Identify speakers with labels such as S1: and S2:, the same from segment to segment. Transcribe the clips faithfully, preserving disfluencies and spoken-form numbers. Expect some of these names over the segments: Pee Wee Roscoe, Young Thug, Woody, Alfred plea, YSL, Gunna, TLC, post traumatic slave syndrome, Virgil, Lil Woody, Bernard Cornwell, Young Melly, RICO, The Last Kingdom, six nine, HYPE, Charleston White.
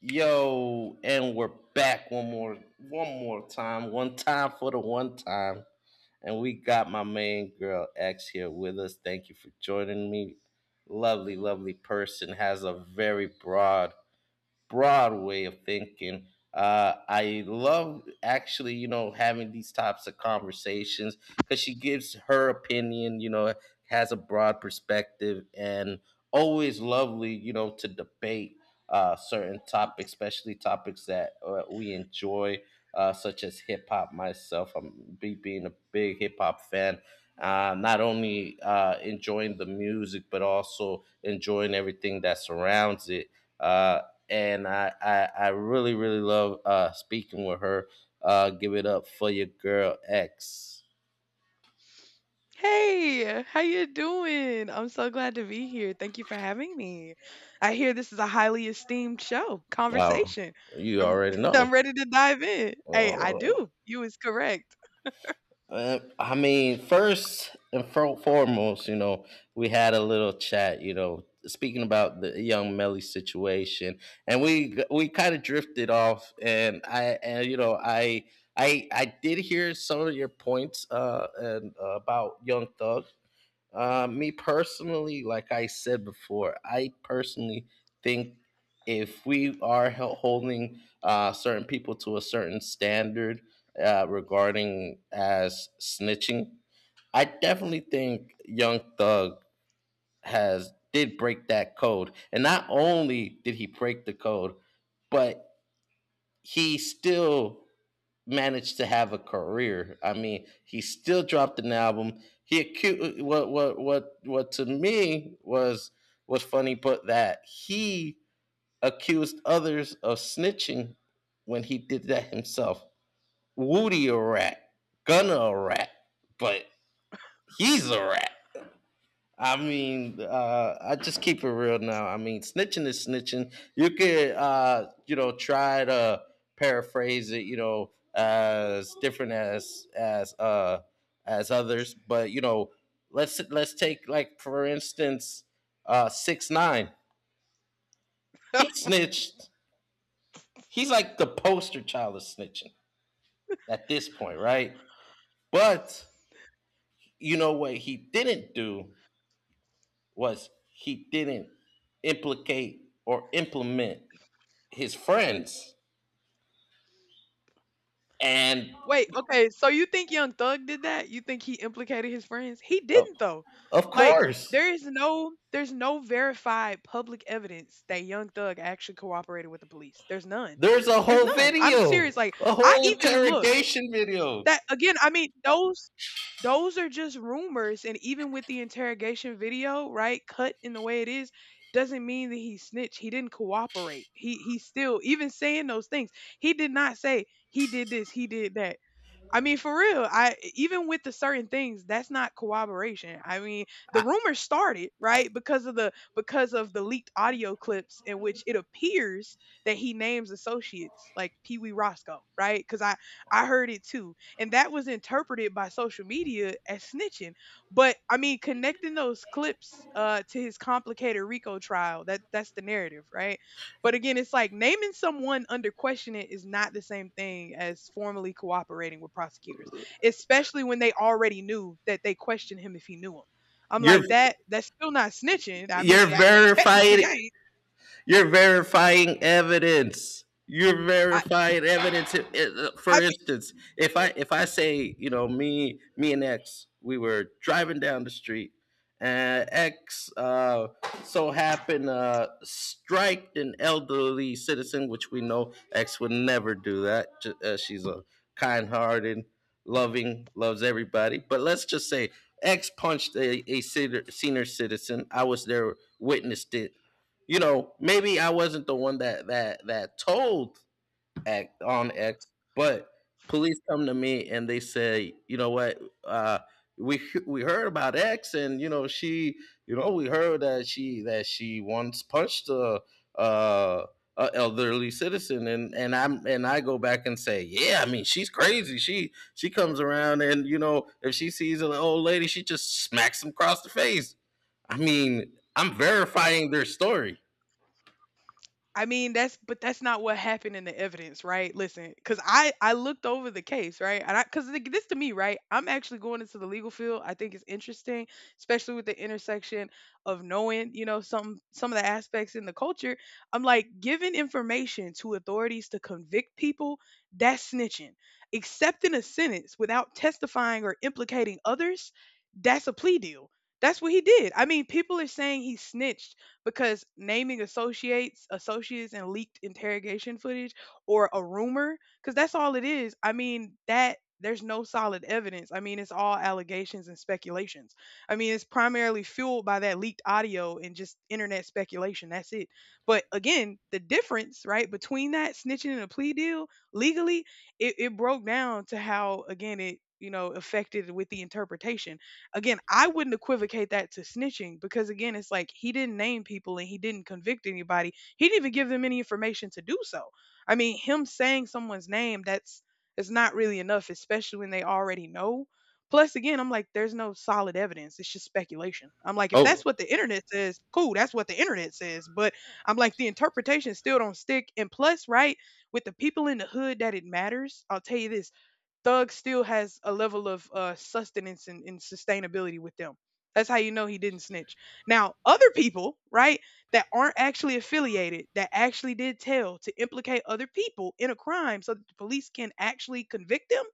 S1: Yo, and we're back one more one more time. One time for the one time. And we got my main girl X here with us. Thank you for joining me. Lovely, lovely person. Has a very broad broad way of thinking. Uh, I love actually, you know, having these types of conversations because she gives her opinion, you know, has a broad perspective and always lovely, you know, to debate uh, certain topics, especially topics that uh, we enjoy, uh, such as hip hop. Myself, I'm be, being a big hip hop fan. Uh, not only uh, enjoying the music, but also enjoying everything that surrounds it. Uh, and I, I I really really love uh speaking with her. Uh, give it up for your girl X.
S2: Hey, how you doing? I'm so glad to be here. Thank you for having me. I hear this is a highly esteemed show,
S1: Wow,
S2: conversation.
S1: you
S2: I'm
S1: already
S2: I'm
S1: know.
S2: ready to dive in. Hey, I
S1: Uh,
S2: do. You is correct.
S1: uh, I mean, first and fo- foremost, you know, we had a little chat. You know, speaking about the young Melly situation, and we we kind of drifted off, and I and you know I. I, I did hear some of your points uh, and, uh, about Young Thug. Uh, me personally, like I said before, I personally think if we are hel- holding uh, certain people to a certain standard uh, regarding as snitching, I definitely think Young Thug has did break that code, and not only did he break the code, but he still managed to have a career. I mean, he still dropped an album. He acute what what what what to me was was funny, but that he accused others of snitching when he did that himself. Woody a rat, Gunna a rat, but he's a rat. I mean, uh, I just keep it real now. I mean, snitching is snitching. You could, uh, you know, try to paraphrase it, you know, as different as as uh, as others, but you know, let's let's take like for instance, uh, six nine. He snitched. He's like the poster child of snitching at this point, right? But you know what he didn't do was he didn't implicate or implement his friends, and
S2: Wait, okay, so you think Young Thug did that? You think he implicated his friends? He
S1: uh,
S2: didn't though.
S1: of
S2: Like
S1: course.
S2: there is no there's no verified public evidence that Young Thug actually cooperated with the police. There's none.
S1: There's a
S2: There's
S1: whole
S2: none. I'm
S1: video.
S2: serious. Like
S1: A
S2: I
S1: whole
S2: even look
S1: interrogation video.
S2: that again, I mean those those are just rumors, and even with the interrogation video, right, cut in the way it is, doesn't mean that he snitched. He didn't cooperate. He he still, even saying those things, he did not say he did this, he did that. I mean, for real, I, even with the certain things, that's not cooperation. I mean, the
S1: I,
S2: rumor started, right, because of the because of the leaked audio clips in which it appears that he names associates like Pee Wee Roscoe, right? Because I I heard it too, and that was interpreted by social media as snitching. But I mean, connecting those clips uh, to his complicated RICO trial, that that's the narrative, right? But again, it's like naming someone under questioning is not the same thing as formally cooperating with prosecutors, especially when they already knew, that they questioned him if he knew him. I'm
S1: You're
S2: like that. That's still not snitching. I mean,
S1: you're
S2: I, technically, I
S1: verifying.
S2: ain't.
S1: You're verifying evidence. You're
S2: I,
S1: verifying evidence. If- if- For
S2: I
S1: instance, if I if I say you know me me and X we were driving down the street and X uh, so happened uh, striked an elderly citizen, which we know X would never do that. Ju- Uh, she's a kind-hearted, loving, loves everybody. But let's just say X punched a, a citi- senior citizen. I was there, witnessed it, you know, maybe I wasn't the one that that that told act on X, but police come to me and they say, you know what, uh, we we heard about X, and you know she, you know, we heard that she that she once punched a. Uh, a elderly citizen, and and I'm and I go back and say yeah, I mean she's crazy, she she comes around and you know if she sees an old lady she just smacks them across the face. I mean I'm verifying their story.
S2: I mean, that's, but that's not what happened in the evidence, right? Listen, because I I looked over the case, right, and I, because this to me, right, I'm actually going into the legal field. I think it's interesting, especially with the intersection of knowing, you know, some some of the aspects in the culture. I'm like giving information to authorities to convict people. That's snitching. Accepting a sentence without testifying or implicating others, that's a plea deal. That's what he did. I mean, people are saying he snitched because naming associates, associates, and leaked interrogation footage or a rumor, because that's all it is. I mean, that there's no solid evidence. I mean, it's all allegations and speculations. I mean, it's primarily fueled by that leaked audio and just internet speculation. That's it. But again, the difference, right, between that snitching and a plea deal legally, it, it broke down to how, again, it, you know, affected with the interpretation. Again, I wouldn't equivocate that to snitching because again, it's like he didn't name people and he didn't convict anybody. He didn't even give them any information to do so. I mean, him saying someone's name, that's, it's not really enough, especially when they already know. Plus, again, I'm like, there's no solid evidence. It's just speculation. I'm like, if that's
S1: Oh,
S2: what the internet says, cool, that's what the internet says. But I'm like, the interpretation still don't stick. And plus, right, with the people in the hood that it matters, I'll tell you this: Thug still has a level of uh, sustenance and, and sustainability with them. That's how you know he didn't snitch. Now, other people, right, that aren't actually affiliated, that actually did tell to implicate other people in a crime so that the police can actually convict them,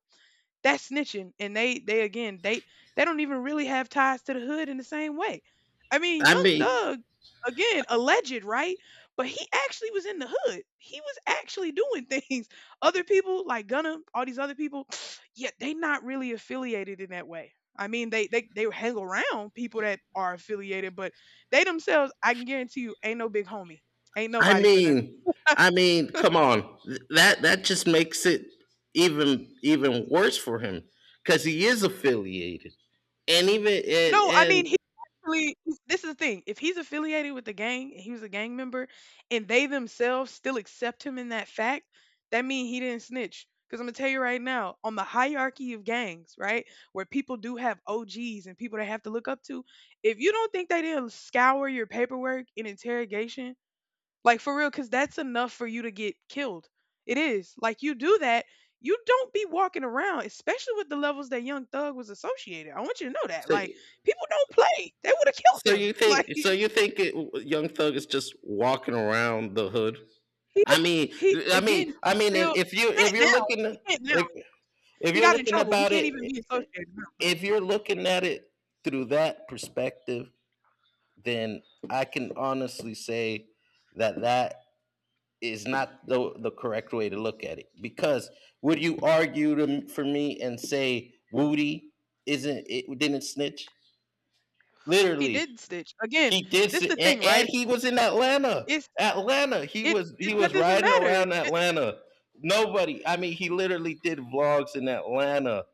S2: that's snitching. And they they again they they don't even really have ties to the hood in the same way. I mean,
S1: I
S2: Young
S1: mean,
S2: Thug, again, alleged, right? But he actually was in the hood. He was actually doing things. Other people like Gunna, all these other people, yeah, they not really affiliated in that way. I mean, they they they hang around people that are affiliated, but they themselves, I can guarantee you, ain't no big homie. Ain't
S1: I
S2: nobody for them.
S1: mean, I mean, come on. Th- That that just makes it even even worse for him because he is affiliated, and even and,
S2: No, I mean
S1: and
S2: he actually. This is the thing. If he's affiliated with the gang and he was a gang member, and they themselves still accept him in that fact, that means he didn't snitch. Because I'm gonna tell you right now, on the hierarchy of gangs, right, where people do have O Gs and people they have to look up to, if you don't think they didn't scour your paperwork in interrogation, like for real, because that's enough for you to get killed. It is. Like you do that, you don't be walking around, especially with the levels that Young Thug was associated. I want you to know that.
S1: so
S2: Like people don't play. They would have killed
S1: so
S2: him.
S1: you think
S2: Like
S1: so
S2: he
S1: you think it, Young Thug is just walking around the hood? I mean,
S2: he
S1: I
S2: again
S1: mean, I
S2: he
S1: mean, if
S2: still,
S1: if
S2: he
S1: you
S2: can't
S1: if you're
S2: now. He
S1: looking,
S2: can't now.
S1: if if
S2: He
S1: you're
S2: got in
S1: looking
S2: trouble. He
S1: about
S2: can't
S1: it,
S2: even be associated now, but
S1: if you're looking at it through that perspective, then I can honestly say that that is not the, the correct way to look at it because would you argue to, for me and say Woody isn't it didn't snitch?
S2: he
S1: Literally,
S2: did stitch. Again,
S1: he did, s-
S2: this the thing,
S1: a- and
S2: right?
S1: he was in Atlanta.
S2: It's
S1: Atlanta, he
S2: it,
S1: was he
S2: it that
S1: was
S2: doesn't
S1: riding
S2: matter.
S1: around
S2: It,
S1: Atlanta. Nobody, I mean, he literally did vlogs in Atlanta,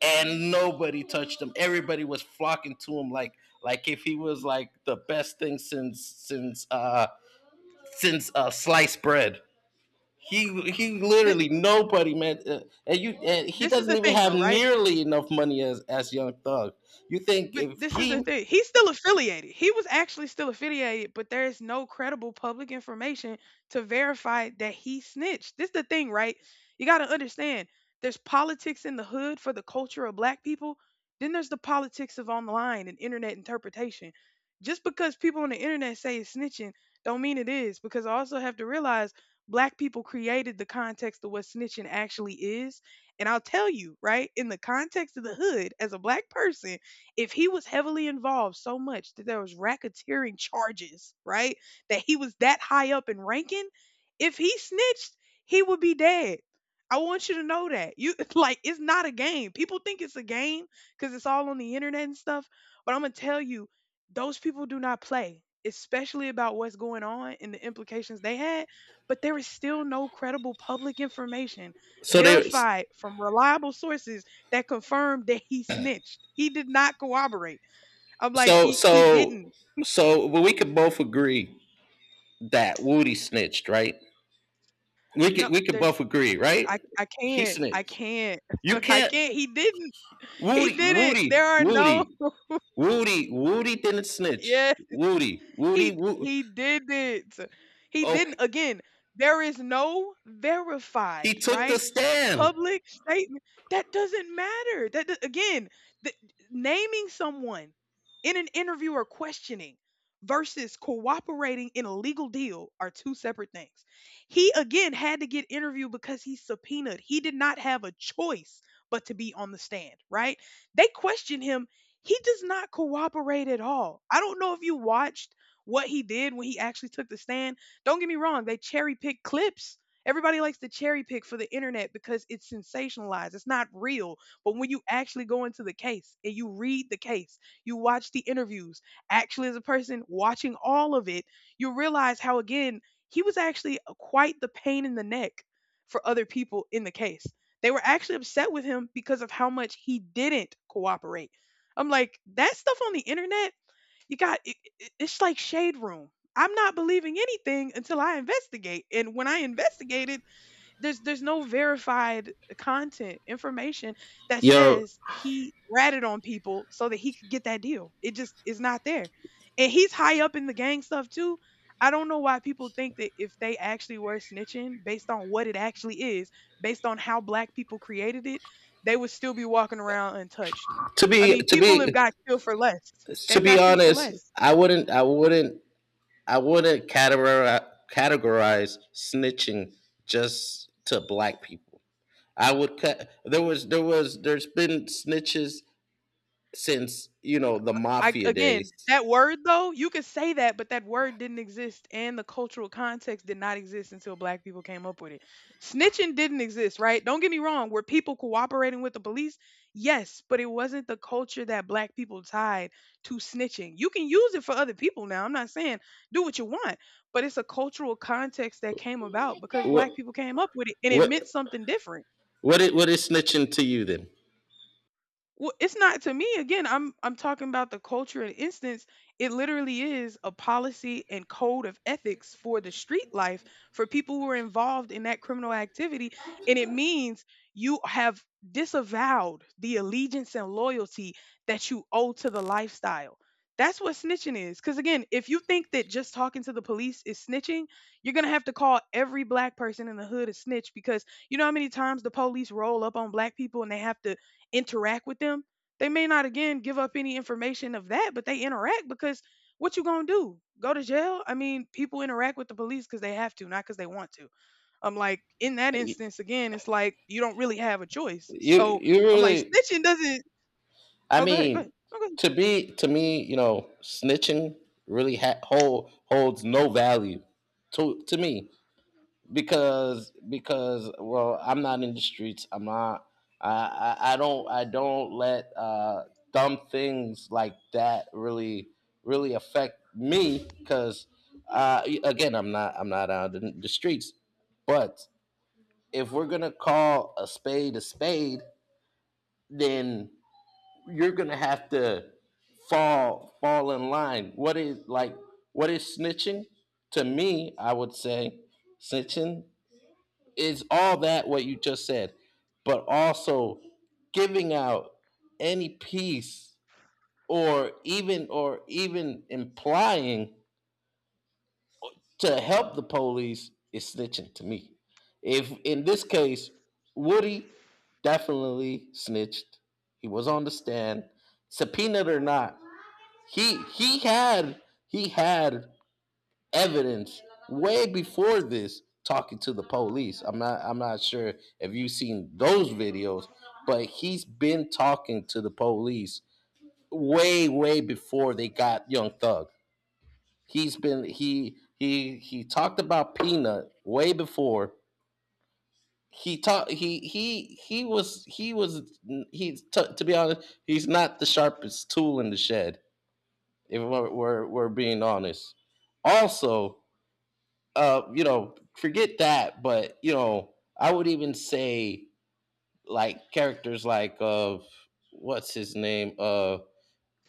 S1: and nobody touched him. Everybody was flocking to him like like if he was like the best thing since since uh since uh sliced bread. He he
S2: thi-
S1: literally nobody man, uh, and you and he
S2: this is
S1: doesn't
S2: the
S1: even
S2: thing
S1: have
S2: though, right?
S1: nearly enough money as as Young Thug. You think
S2: But
S1: if
S2: this is the
S1: he
S2: thing. He's still affiliated. He was actually still affiliated, but there is no credible public information to verify that he snitched. This is the thing, right? You got to understand there's politics in the hood for the culture of black people. Then there's the politics of online and internet interpretation. Just because people on the internet say it's snitching, don't mean it is, because I also have to realize black people created the context of what snitching actually is. And I'll tell you, right, in the context of the hood, as a black person, if he was heavily involved so much that there was racketeering charges, right? That he was that high up in ranking, if he snitched, he would be dead. I want you to know that. You like it's not a game. People think it's a game cuz it's all on the internet and stuff, but I'm going to tell you those people do not play, especially about what's going on and the implications they had, but there is still no credible public information
S1: so there
S2: verified from reliable sources that confirmed that he snitched. He did not cooperate. I'm like,
S1: so
S2: he he
S1: so
S2: didn't.
S1: so well, we could both agree that Woody snitched, right? We
S2: No,
S1: could we could
S2: there's
S1: both agree, right?
S2: I I
S1: He
S2: can't. I
S1: snitched.
S2: can't.
S1: You
S2: I
S1: can't
S2: can't. He didn't. He
S1: Woody
S2: didn't. There
S1: Woody
S2: are no
S1: Woody Woody Woody didn't snitch.
S2: yeah.
S1: Woody Woody
S2: He
S1: Woody.
S2: he didn't. He didn't.
S1: Okay,
S2: Again, there is no
S1: he
S2: verified,
S1: took the
S2: right?
S1: stand.
S2: Public statement, that doesn't matter. That do- again, the, naming someone in an interview or questioning versus cooperating in a legal deal are two separate things. He again had to get interviewed because he's subpoenaed. He did not have a choice but to be on the stand, right? They questioned him. He does not cooperate at all. I don't know if you watched what he did when he actually took the stand. Don't get me wrong, they cherry pick clips. Everybody likes to cherry pick for the internet because it's sensationalized. It's not real. But when you actually go into the case and you read the case, you watch the interviews, actually, as a person watching all of it, you realize how, again, he was actually quite the pain in the neck for other people in the case. They were actually upset with him because of how much he didn't cooperate. I'm like, that stuff on the internet, you got it, it- it's like shade room. I'm not believing anything until I investigate. And when I investigated, there's there's no verified content information that
S1: Yo,
S2: says he ratted on people so that he could get that deal. It just is not there. And he's high up in the gang stuff too. I don't know why people think that if they actually were snitching based on what it actually is, based on how black people created it, they would still be walking around untouched.
S1: to
S2: I
S1: be
S2: mean,
S1: to
S2: people have
S1: be
S2: got killed for less.
S1: to
S2: They've
S1: be
S2: got killed for
S1: honest,
S2: less.
S1: I wouldn't, I wouldn't, I wouldn't categorize, categorize snitching just to black people. I would cut. There was, there was, there's been snitches since you know the
S2: I
S1: mafia
S2: again,
S1: days.
S2: that word though, you could say that, but that word didn't exist and the cultural context did not exist until black people came up with it. Snitching didn't exist, right? Don't get me wrong, were people cooperating with the police? Yes, but it wasn't the culture that black people tied to snitching. You can use it for other people now. I'm not saying do what you want, but it's a cultural context that came about because
S1: What,
S2: black people came up with it and it
S1: what,
S2: meant something different.
S1: what is, what is snitching to you then?
S2: Well, it's not to me again. I'm I'm talking about the culture and instance. It literally is a policy and code of ethics for the street life, for people who are involved in that criminal activity, and it means you have disavowed the allegiance and loyalty that you owe to the lifestyle. That's what snitching is. Because again, if you think that just talking to the police is snitching, you're gonna have to call every black person in the hood a snitch because you know how many times the police roll up on black people and they have to interact with them. They may not again give up any information of that, but they interact because what you gonna do, go to jail? I mean, people interact with the police because they have to, not because they want to. I'm like, in that
S1: You,
S2: instance, again, it's like you don't really have a choice. So
S1: you
S2: I'm like
S1: really,
S2: snitching doesn't...
S1: I
S2: Oh, go ahead, go ahead,
S1: mean,
S2: oh go
S1: to be to me, you know, snitching really ha- hold, holds no value to to me. because because well I'm not in the streets. i'm not i i, I, don't i don't let uh dumb things like that really really affect me because uh again I'm not i'm not out in the streets, but if we're gonna call a spade a spade then you're gonna have to fall fall in line. What is like what is snitching to me? I would say snitching, it's all that what you just said, but also giving out any piece or even or even implying to help the police is snitching to me. If in this case, Woody definitely snitched. He was on the stand, subpoenaed or not. He he had he had evidence way before this talking to the police. I'm not I'm not sure if you've seen those videos, but he's been talking to the police way way before they got Young Thug. He's been he he he talked about Peanut way before he talked he he he was he was he t- to be honest he's not the sharpest tool in the shed if we're we're, we're being honest. Also uh, you know, forget that. But you know, I would even say like characters like of what's his name, uh,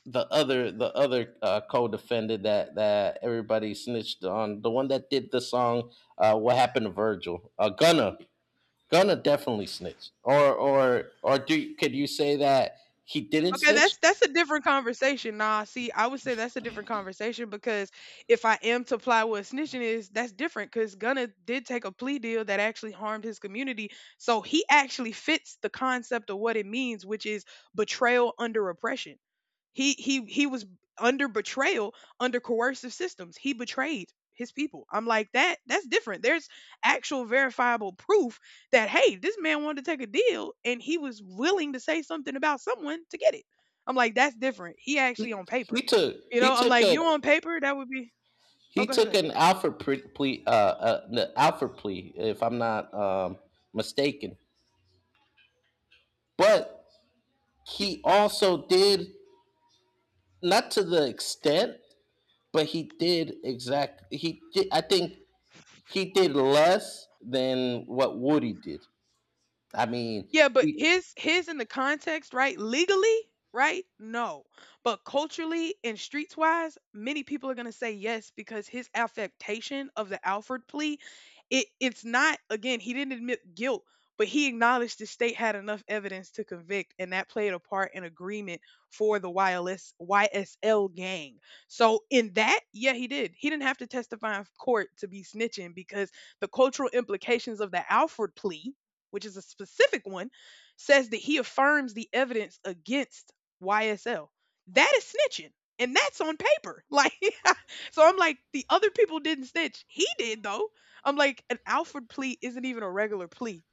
S1: the other the other uh, co-defendant that that everybody snitched on, the one that did the song, uh, "What Happened to Virgil," uh, Gunna, Gunna definitely
S2: ahead.
S1: snitched. Or or or do could you say that he didn't
S2: Okay,
S1: snitch?
S2: that's that's a different conversation. Nah, see, I would say that's a different conversation because if I am to apply what snitching is, that's different because Gunna did take a plea deal that actually harmed his community. So he actually fits the concept of what it means, which is betrayal under oppression. He he he was under betrayal under coercive systems. He betrayed his people. I'm like, that that's different. There's actual verifiable proof that, hey, this man wanted to take a deal and he was willing to say something about someone to get it. I'm like, that's different. He actually
S1: He
S2: on
S1: he
S2: paper.
S1: took
S2: You
S1: he
S2: know, I'm
S1: took
S2: like,
S1: an
S2: you on paper, that would be. Oh,
S1: he
S2: go ahead, go
S1: took
S2: ahead.
S1: an Alfred pre- plea, uh, uh, the Alfred plea, if I'm not um, mistaken. But he also did not to the extent, but he did exact. He did, I think he did less than what Woody did. I mean,
S2: Yeah, but
S1: he,
S2: his his in the context, right? Legally, right? No. But culturally and streets wise, many people are gonna say yes because his affectation of the Alfred plea, it it's not, again, he didn't admit guilt, but he acknowledged the state had enough evidence to convict, and that played a part in agreement for the Y L S Y S L gang. So in that, yeah, he did. He didn't have to testify in court to be snitching because the cultural implications of the Alfred plea, which is a specific one, says that he affirms the evidence against Y S L. That is snitching. And that's on paper. Like, so I'm like, the other people didn't snitch. He did, though. I'm like, an Alfred plea isn't even a regular plea.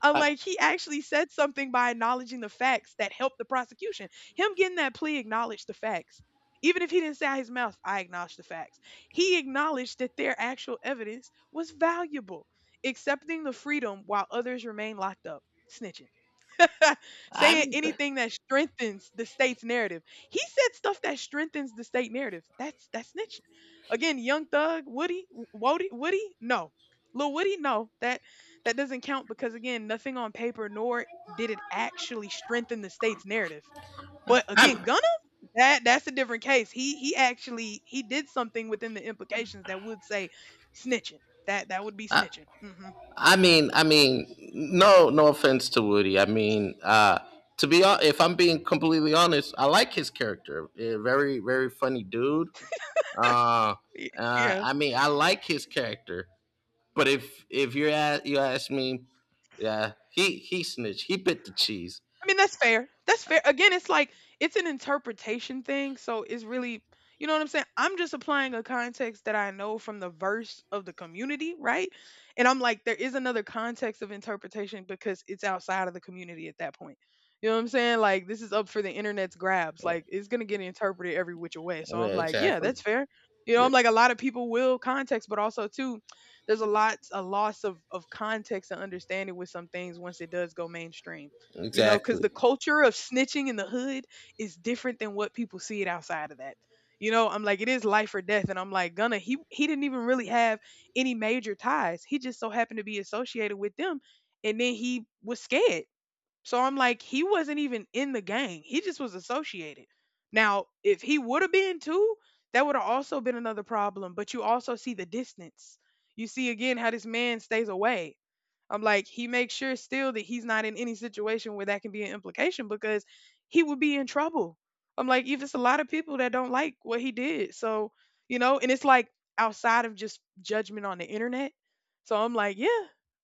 S2: i
S1: I,
S2: like, he actually said something by acknowledging the facts that helped the prosecution. Him getting that plea acknowledged the facts. Even if he didn't say out his mouth, I acknowledge the facts. He acknowledged that their actual evidence was valuable, accepting the freedom while others remain locked up, snitching. Saying anything that strengthens the state's narrative. He said stuff that strengthens the state narrative. That's that's snitching. Again, Young Thug, Woody, Woody, Woody, no. Lil Woody, no. That that doesn't count because, again, nothing on paper nor did it actually strengthen the state's narrative. But again, Gunna, that that's a different case. He he actually, he did something within the implications that would say snitching. That that would be
S1: I,
S2: snitching. Hmm.
S1: I mean, I mean, no, no offense to Woody. I mean, uh, to be hon- if I'm being completely honest, I like his character. A very, very funny dude. Uh, uh,
S2: Yeah.
S1: I mean, I like his character, but if if you ask you ask me, yeah, he he snitched. He bit the cheese.
S2: I mean, that's fair. That's fair. Again, it's like it's an interpretation thing, so it's really, you know what I'm saying? I'm just applying a context that I know from the verse of the community, right? And I'm like, there is another context of interpretation because it's outside of the community at that point. You know what I'm saying? Like, this is up for the internet's grabs.
S1: Yeah,
S2: Like, it's going to get interpreted every which way. So I'm
S1: yeah,
S2: like, yeah,
S1: exactly.
S2: that's fair. You know,
S1: Yeah,
S2: I'm like, a lot of people will context, but also too, there's a lot, a loss of of context and understanding with some things once it does go mainstream. You know, because
S1: exactly.
S2: the culture of snitching in the hood is different than what people see it outside of that. You know, I'm like, it is life or death. And I'm like, Gunna, he he didn't even really have any major ties. He just so happened to be associated with them. And then he was scared. So I'm like, he wasn't even in the gang. He just was associated. Now, if he would have been too, that would have also been another problem. But you also see the distance. You see again how this man stays away. I'm like, he makes sure still that he's not in any situation where that can be an implication because he would be in trouble. I'm like, if it's a lot of people that don't like what he did. So, you know, and it's like outside of just judgment on the internet. So I'm like, yeah,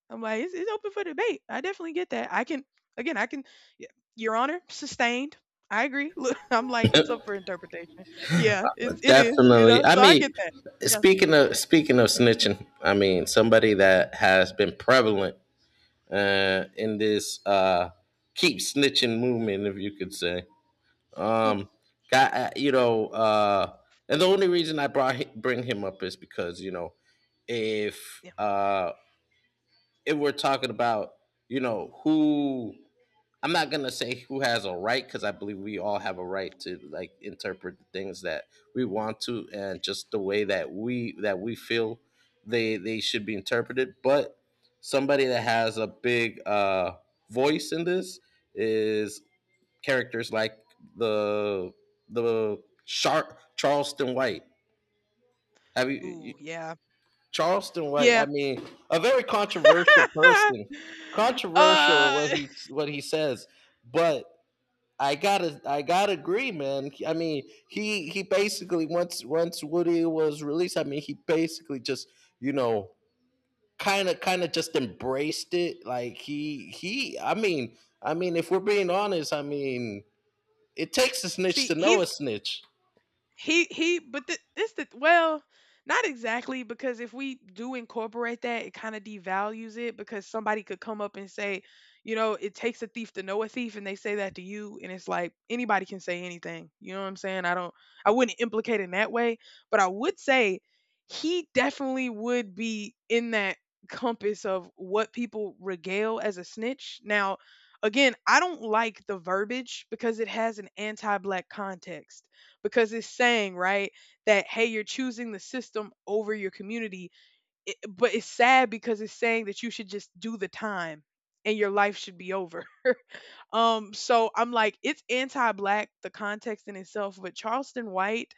S2: I'm like, it's, it's open for debate. I definitely get that. I can, again, I can, y- Your Honor, sustained. I agree. Look, I'm like, it's up for interpretation. Yeah, it's, it is, you
S1: Definitely.
S2: know,
S1: I
S2: so I get
S1: mean,
S2: that. Yeah,
S1: speaking of speaking of snitching, I mean somebody that has been prevalent uh, in this uh, keep snitching movement, if you could say. Um, got uh, you know, uh, and the only reason I brought hi- bring him up is because you know, if
S2: yeah,
S1: uh, if we're talking about, you know who, I'm not gonna say who has a right because I believe we all have a right to like interpret the things that we want to and just the way
S2: yeah.
S1: that we that we feel they they should be interpreted. But somebody that has a big uh, voice in this is characters like the the Char- Charleston White. Have you, you
S2: Ooh, yeah.
S1: Charleston White? I
S2: Yeah,
S1: mean, a very controversial person, controversial in
S2: uh,
S1: what he what he says, but. I gotta, I gotta agree, man. I mean, he he basically once once Woody was released, I mean, he basically just you know kind of kind of just embraced it. Like he he, I mean, I mean, if we're being honest, I mean, it takes a snitch
S2: see,
S1: to know
S2: he's
S1: a snitch.
S2: he he but th- this the well, not exactly, because if we do incorporate that, it kind of devalues it because somebody could come up and say, you know, it takes a thief to know a thief, and they say that to you, and it's like anybody can say anything, you know what I'm saying? i don't I wouldn't implicate in that way, but I would say he definitely would be in that compass of what people regale as a snitch now. Again, I don't like the verbiage because it has an anti-black context, because it's saying, right, that, hey, you're choosing the system over your community. It, but it's sad because it's saying that you should just do the time and your life should be over. Um so I'm like, it's anti-black, the context in itself. But Charleston White,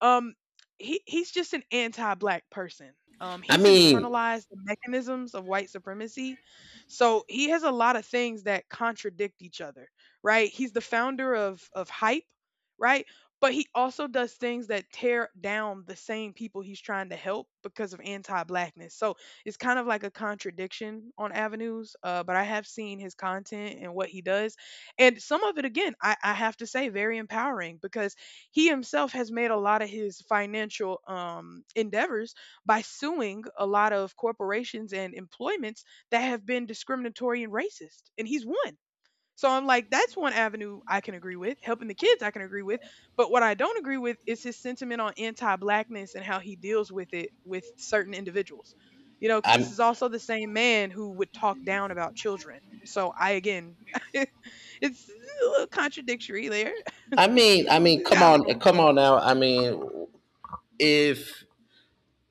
S2: um, he he's just an anti-black person. Um,
S1: I
S2: he's
S1: mean,
S2: internalized the mechanisms of white supremacy, so he has a lot of things that contradict each other, right? He's the founder of of hype, right? But he also does things that tear down the same people he's trying to help because of anti-blackness. So it's kind of like a contradiction on avenues. Uh, but I have seen his content and what he does, and some of it, again, I, I have to say, very empowering, because he himself has made a lot of his financial um, endeavors by suing a lot of corporations and employments that have been discriminatory and racist, and he's won. So I'm like, that's one avenue I can agree with. Helping the kids, I can agree with. But what I don't agree with is his sentiment on anti-blackness and how he deals with it with certain individuals. You know, because this
S1: I
S2: is also the same man who would talk down about children. So I, again, it's a little contradictory there.
S1: I mean,
S2: He's,
S1: I mean,
S2: he's
S1: come
S2: got a
S1: on,
S2: little.
S1: come on now. I mean, if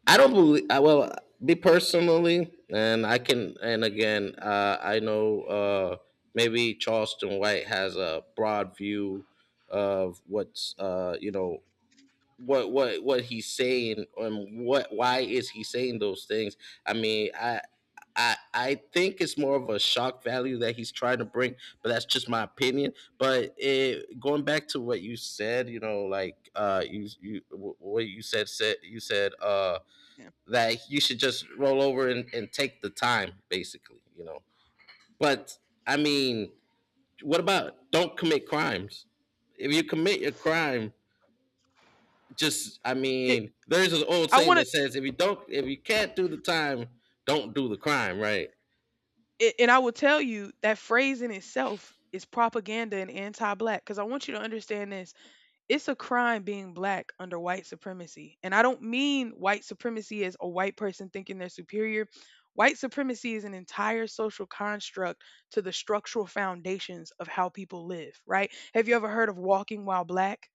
S1: I don't believe, I well, me personally, and I can, and again, uh, I know, uh, maybe Charleston White has a broad view of what's uh, you know what what what he's saying and what why is he saying those things. i mean i I, I think it's more of a shock value that he's trying to bring, but that's just my opinion. But it, going back to what you said, you know, like uh, you you wh- what you said said you said uh,
S2: Yeah.
S1: that you should just roll over and, and take the time, basically, you know. But I mean, what about don't commit crimes? If you commit a crime, just I
S2: It...
S1: mean, there's an old
S2: I
S1: saying
S2: wanna...
S1: that says if you don't if you can't do the time, don't do the crime, right?
S2: and I will tell you, that phrase in itself is propaganda and anti-black, black. Because I want you to understand this, it's a crime being black under white supremacy. And I don't mean white supremacy as a white person thinking they're superior. White supremacy is an entire social construct to the structural foundations of how people live, right? Have you ever heard of walking while black?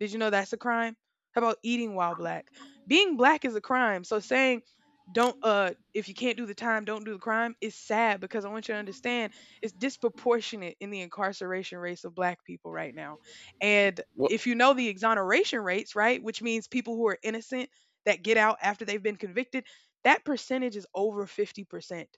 S2: Did you know that's a crime? How about eating while black? Being black is a crime. So saying, don't uh if you can't do the time, don't do the crime, is sad because I want you to understand, it's disproportionate in the incarceration rates of black people right now. And
S1: Well,
S2: if you know the exoneration rates, right, which means people who are innocent that get out after they've been convicted, that percentage is over fifty percent.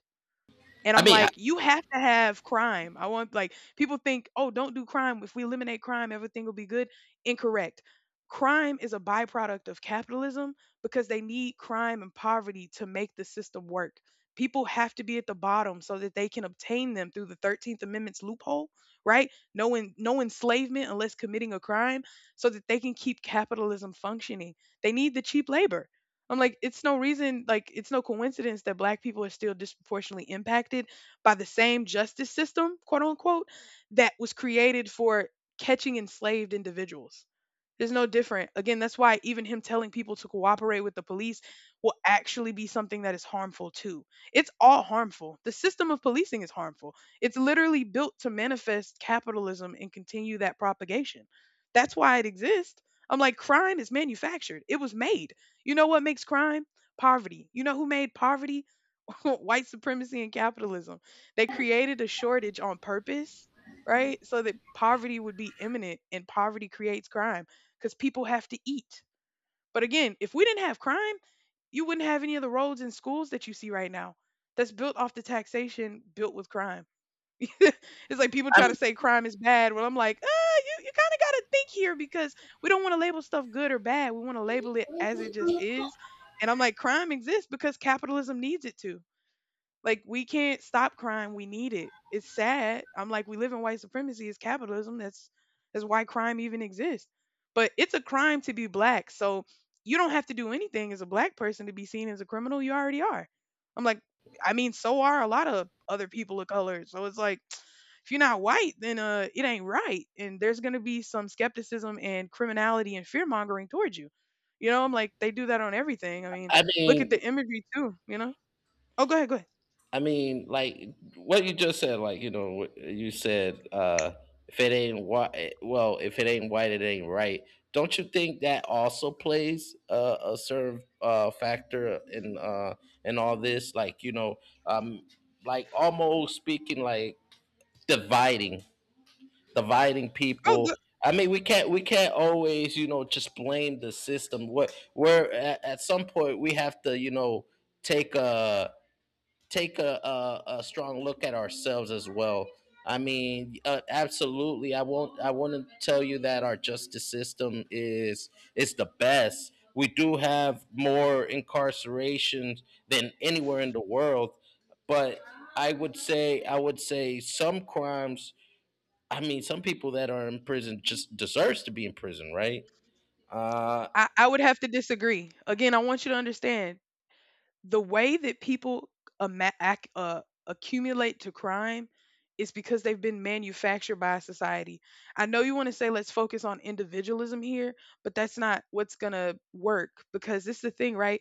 S2: And
S1: I
S2: I'm
S1: mean, I,
S2: like, you have to have crime. I want, like, people think, oh, don't do crime. If we eliminate crime, everything will be good. Incorrect. Crime is a byproduct of capitalism because they need crime and poverty to make the system work. People have to be at the bottom so that they can obtain them through the thirteenth Amendment's loophole, right? No, en- no enslavement unless committing a crime, so that they can keep capitalism functioning. They need the cheap labor. I'm like, it's no reason, like, it's no coincidence that black people are still disproportionately impacted by the same justice system, quote unquote, that was created for catching enslaved individuals. There's no different. Again, that's why even him telling people to cooperate with the police will actually be something that is harmful too. It's all harmful. The system of policing is harmful. It's literally built to manifest capitalism and continue that propagation. That's why it exists. I'm like, crime is manufactured, it was made. You know what makes crime? Poverty. You know who made poverty? White supremacy and capitalism. They created a shortage on purpose, right? So that poverty would be imminent, and poverty creates crime because people have to eat. But again, if we didn't have crime, you wouldn't have any of the roads and schools that you see right now. That's built off the taxation built with crime. It's like people try to
S1: I'm
S2: say crime is bad. Well, I'm like, ah, you, you kind of got to think here because we don't want to label stuff good or bad. We want to label it as it just is. And I'm like, crime exists because capitalism needs it to. Like, we can't stop crime. We need it. It's sad. I'm like, we live in white supremacy. It's capitalism. That's that's why crime even exists. But it's a crime to be black. So you don't have to do anything as a black person to be seen as a criminal. You already are. I'm like, I mean, so are a lot of other people of color. So it's like, if you're not white, then uh, it ain't right. And there's gonna be some skepticism and criminality and fear mongering towards you. You know, I'm like, they do that on everything. I mean,
S1: I
S2: look at
S1: mean,
S2: the imagery too. You know. Oh, go ahead, go ahead.
S1: I mean, like what you just said, like you know, wh- you said uh, if it ain't white, well, if it ain't white, it ain't right. Don't you think that also plays a, a certain uh, factor in uh, in all this? Like you know, um, like almost speaking, like dividing dividing
S2: Oh,
S1: people. I mean, we can't we can't always you know just blame the system. What we're at, at some point we have to you know take a take a, a, a strong look at ourselves as well. I mean, uh, absolutely. I won't. I want to tell you that our justice system is is the best. We do have more incarceration than anywhere in the world, but I would say I would say some crimes, I mean, some people that are in prison just deserves to be in prison, right? Uh,
S2: I, I would have to disagree. Again, I want you to understand the way that people ama- ac- uh, accumulate to crime is because they've been manufactured by society. I know you want to say let's focus on individualism here, but that's not what's going to work because this is the thing, right?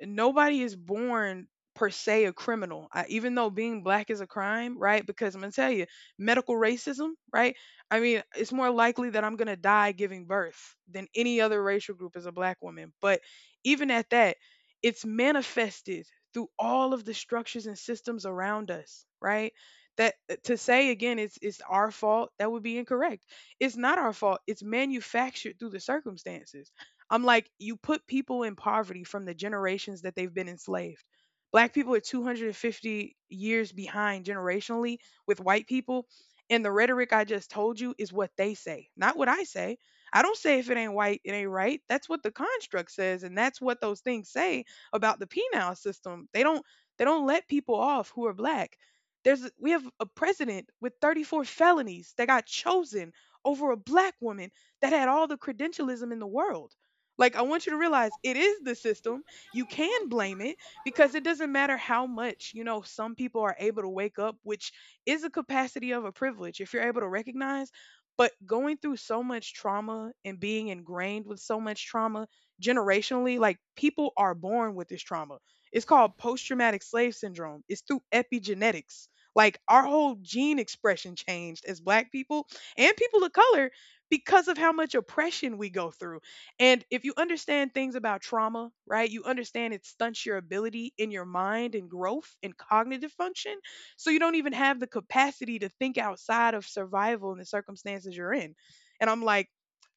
S2: Nobody is born per se a criminal. I, even though being black is a crime, right, because I'm gonna tell you, medical racism, right, I mean it's more likely that I'm gonna die giving birth than any other racial group as a black woman, but even at that, it's manifested through all of the structures and systems around us, right, that uh, to say again, it's it's our fault, that would be incorrect. It's not our fault, it's manufactured through the circumstances. I'm like, you put people in poverty from the generations that they've been enslaved. Black people are two hundred fifty years behind generationally with white people. And the rhetoric I just told you is what they say, not what I say. I don't say if it ain't white, it ain't right. That's what the construct says, and that's what those things say about the penal system. They don't they don't let people off who are black. There's a- we have a president with thirty-four felonies that got chosen over a black woman that had all the credentialism in the world. Like, I want you to realize it is the system. You can blame it because it doesn't matter how much, you know, some people are able to wake up, which is a capacity of a privilege if you're able to recognize. But going through so much trauma and being ingrained with so much trauma generationally, like people are born with this trauma. It's called post traumatic slave syndrome, it's through epigenetics. Like, our whole gene expression changed as black people and people of color because of how much oppression we go through, and if you understand things about trauma, right, you understand it stunts your ability in your mind and growth and cognitive function. So you don't even have the capacity to think outside of survival in the circumstances you're in. And I'm like,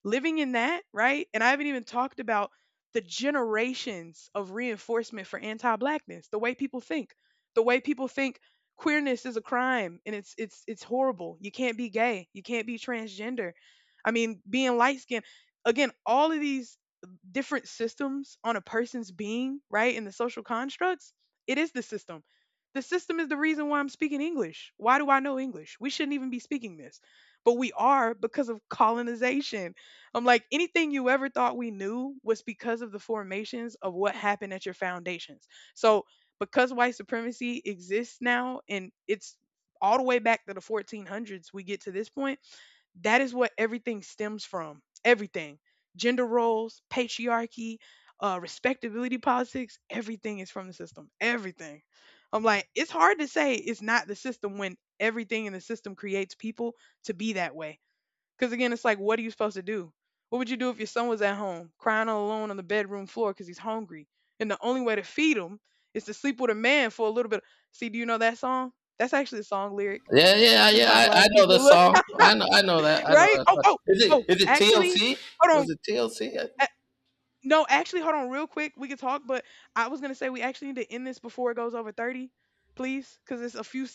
S2: living in that, right? And I haven't even talked about the generations of reinforcement for anti-blackness, the way people think, the way people think queerness is a crime and it's it's it's horrible. You can't be gay, you can't be transgender. I mean, being light skinned, again, all of these different systems on a person's being, right, in the social constructs, it is the system. The system is the reason why I'm speaking English. Why do I know English? We shouldn't even be speaking this, but we are because of colonization. I'm like, anything you ever thought we knew was because of the formations of what happened at your foundations. So, because white supremacy exists now and it's all the way back to the fourteen hundreds, we get to this point that is what everything stems from. Everything. Gender roles, patriarchy, uh, respectability politics, everything is from the system. Everything. I'm like, it's hard to say it's not the system when everything in the system creates people to be that way. Because again, it's like, what are you supposed to do? What would you do if your son was at home crying all alone on the bedroom floor because he's hungry? And the only way to feed him is to sleep with a man for a little bit. See, do you know that song? That's actually a song lyric.
S1: Yeah, yeah,
S2: This is by
S1: yeah. I,
S2: black
S1: I know the
S2: people.
S1: song. I know, I know that. I know
S2: Right?
S1: that.
S2: Oh,
S1: Song.
S2: oh,
S1: Is
S2: oh,
S1: it is it
S2: actually,
S1: T L C?
S2: hold on.
S1: Was it T L C?
S2: A no, actually, hold on real quick. We can talk, but I was gonna say we actually need to end this before it goes over thirty, please, because it's a few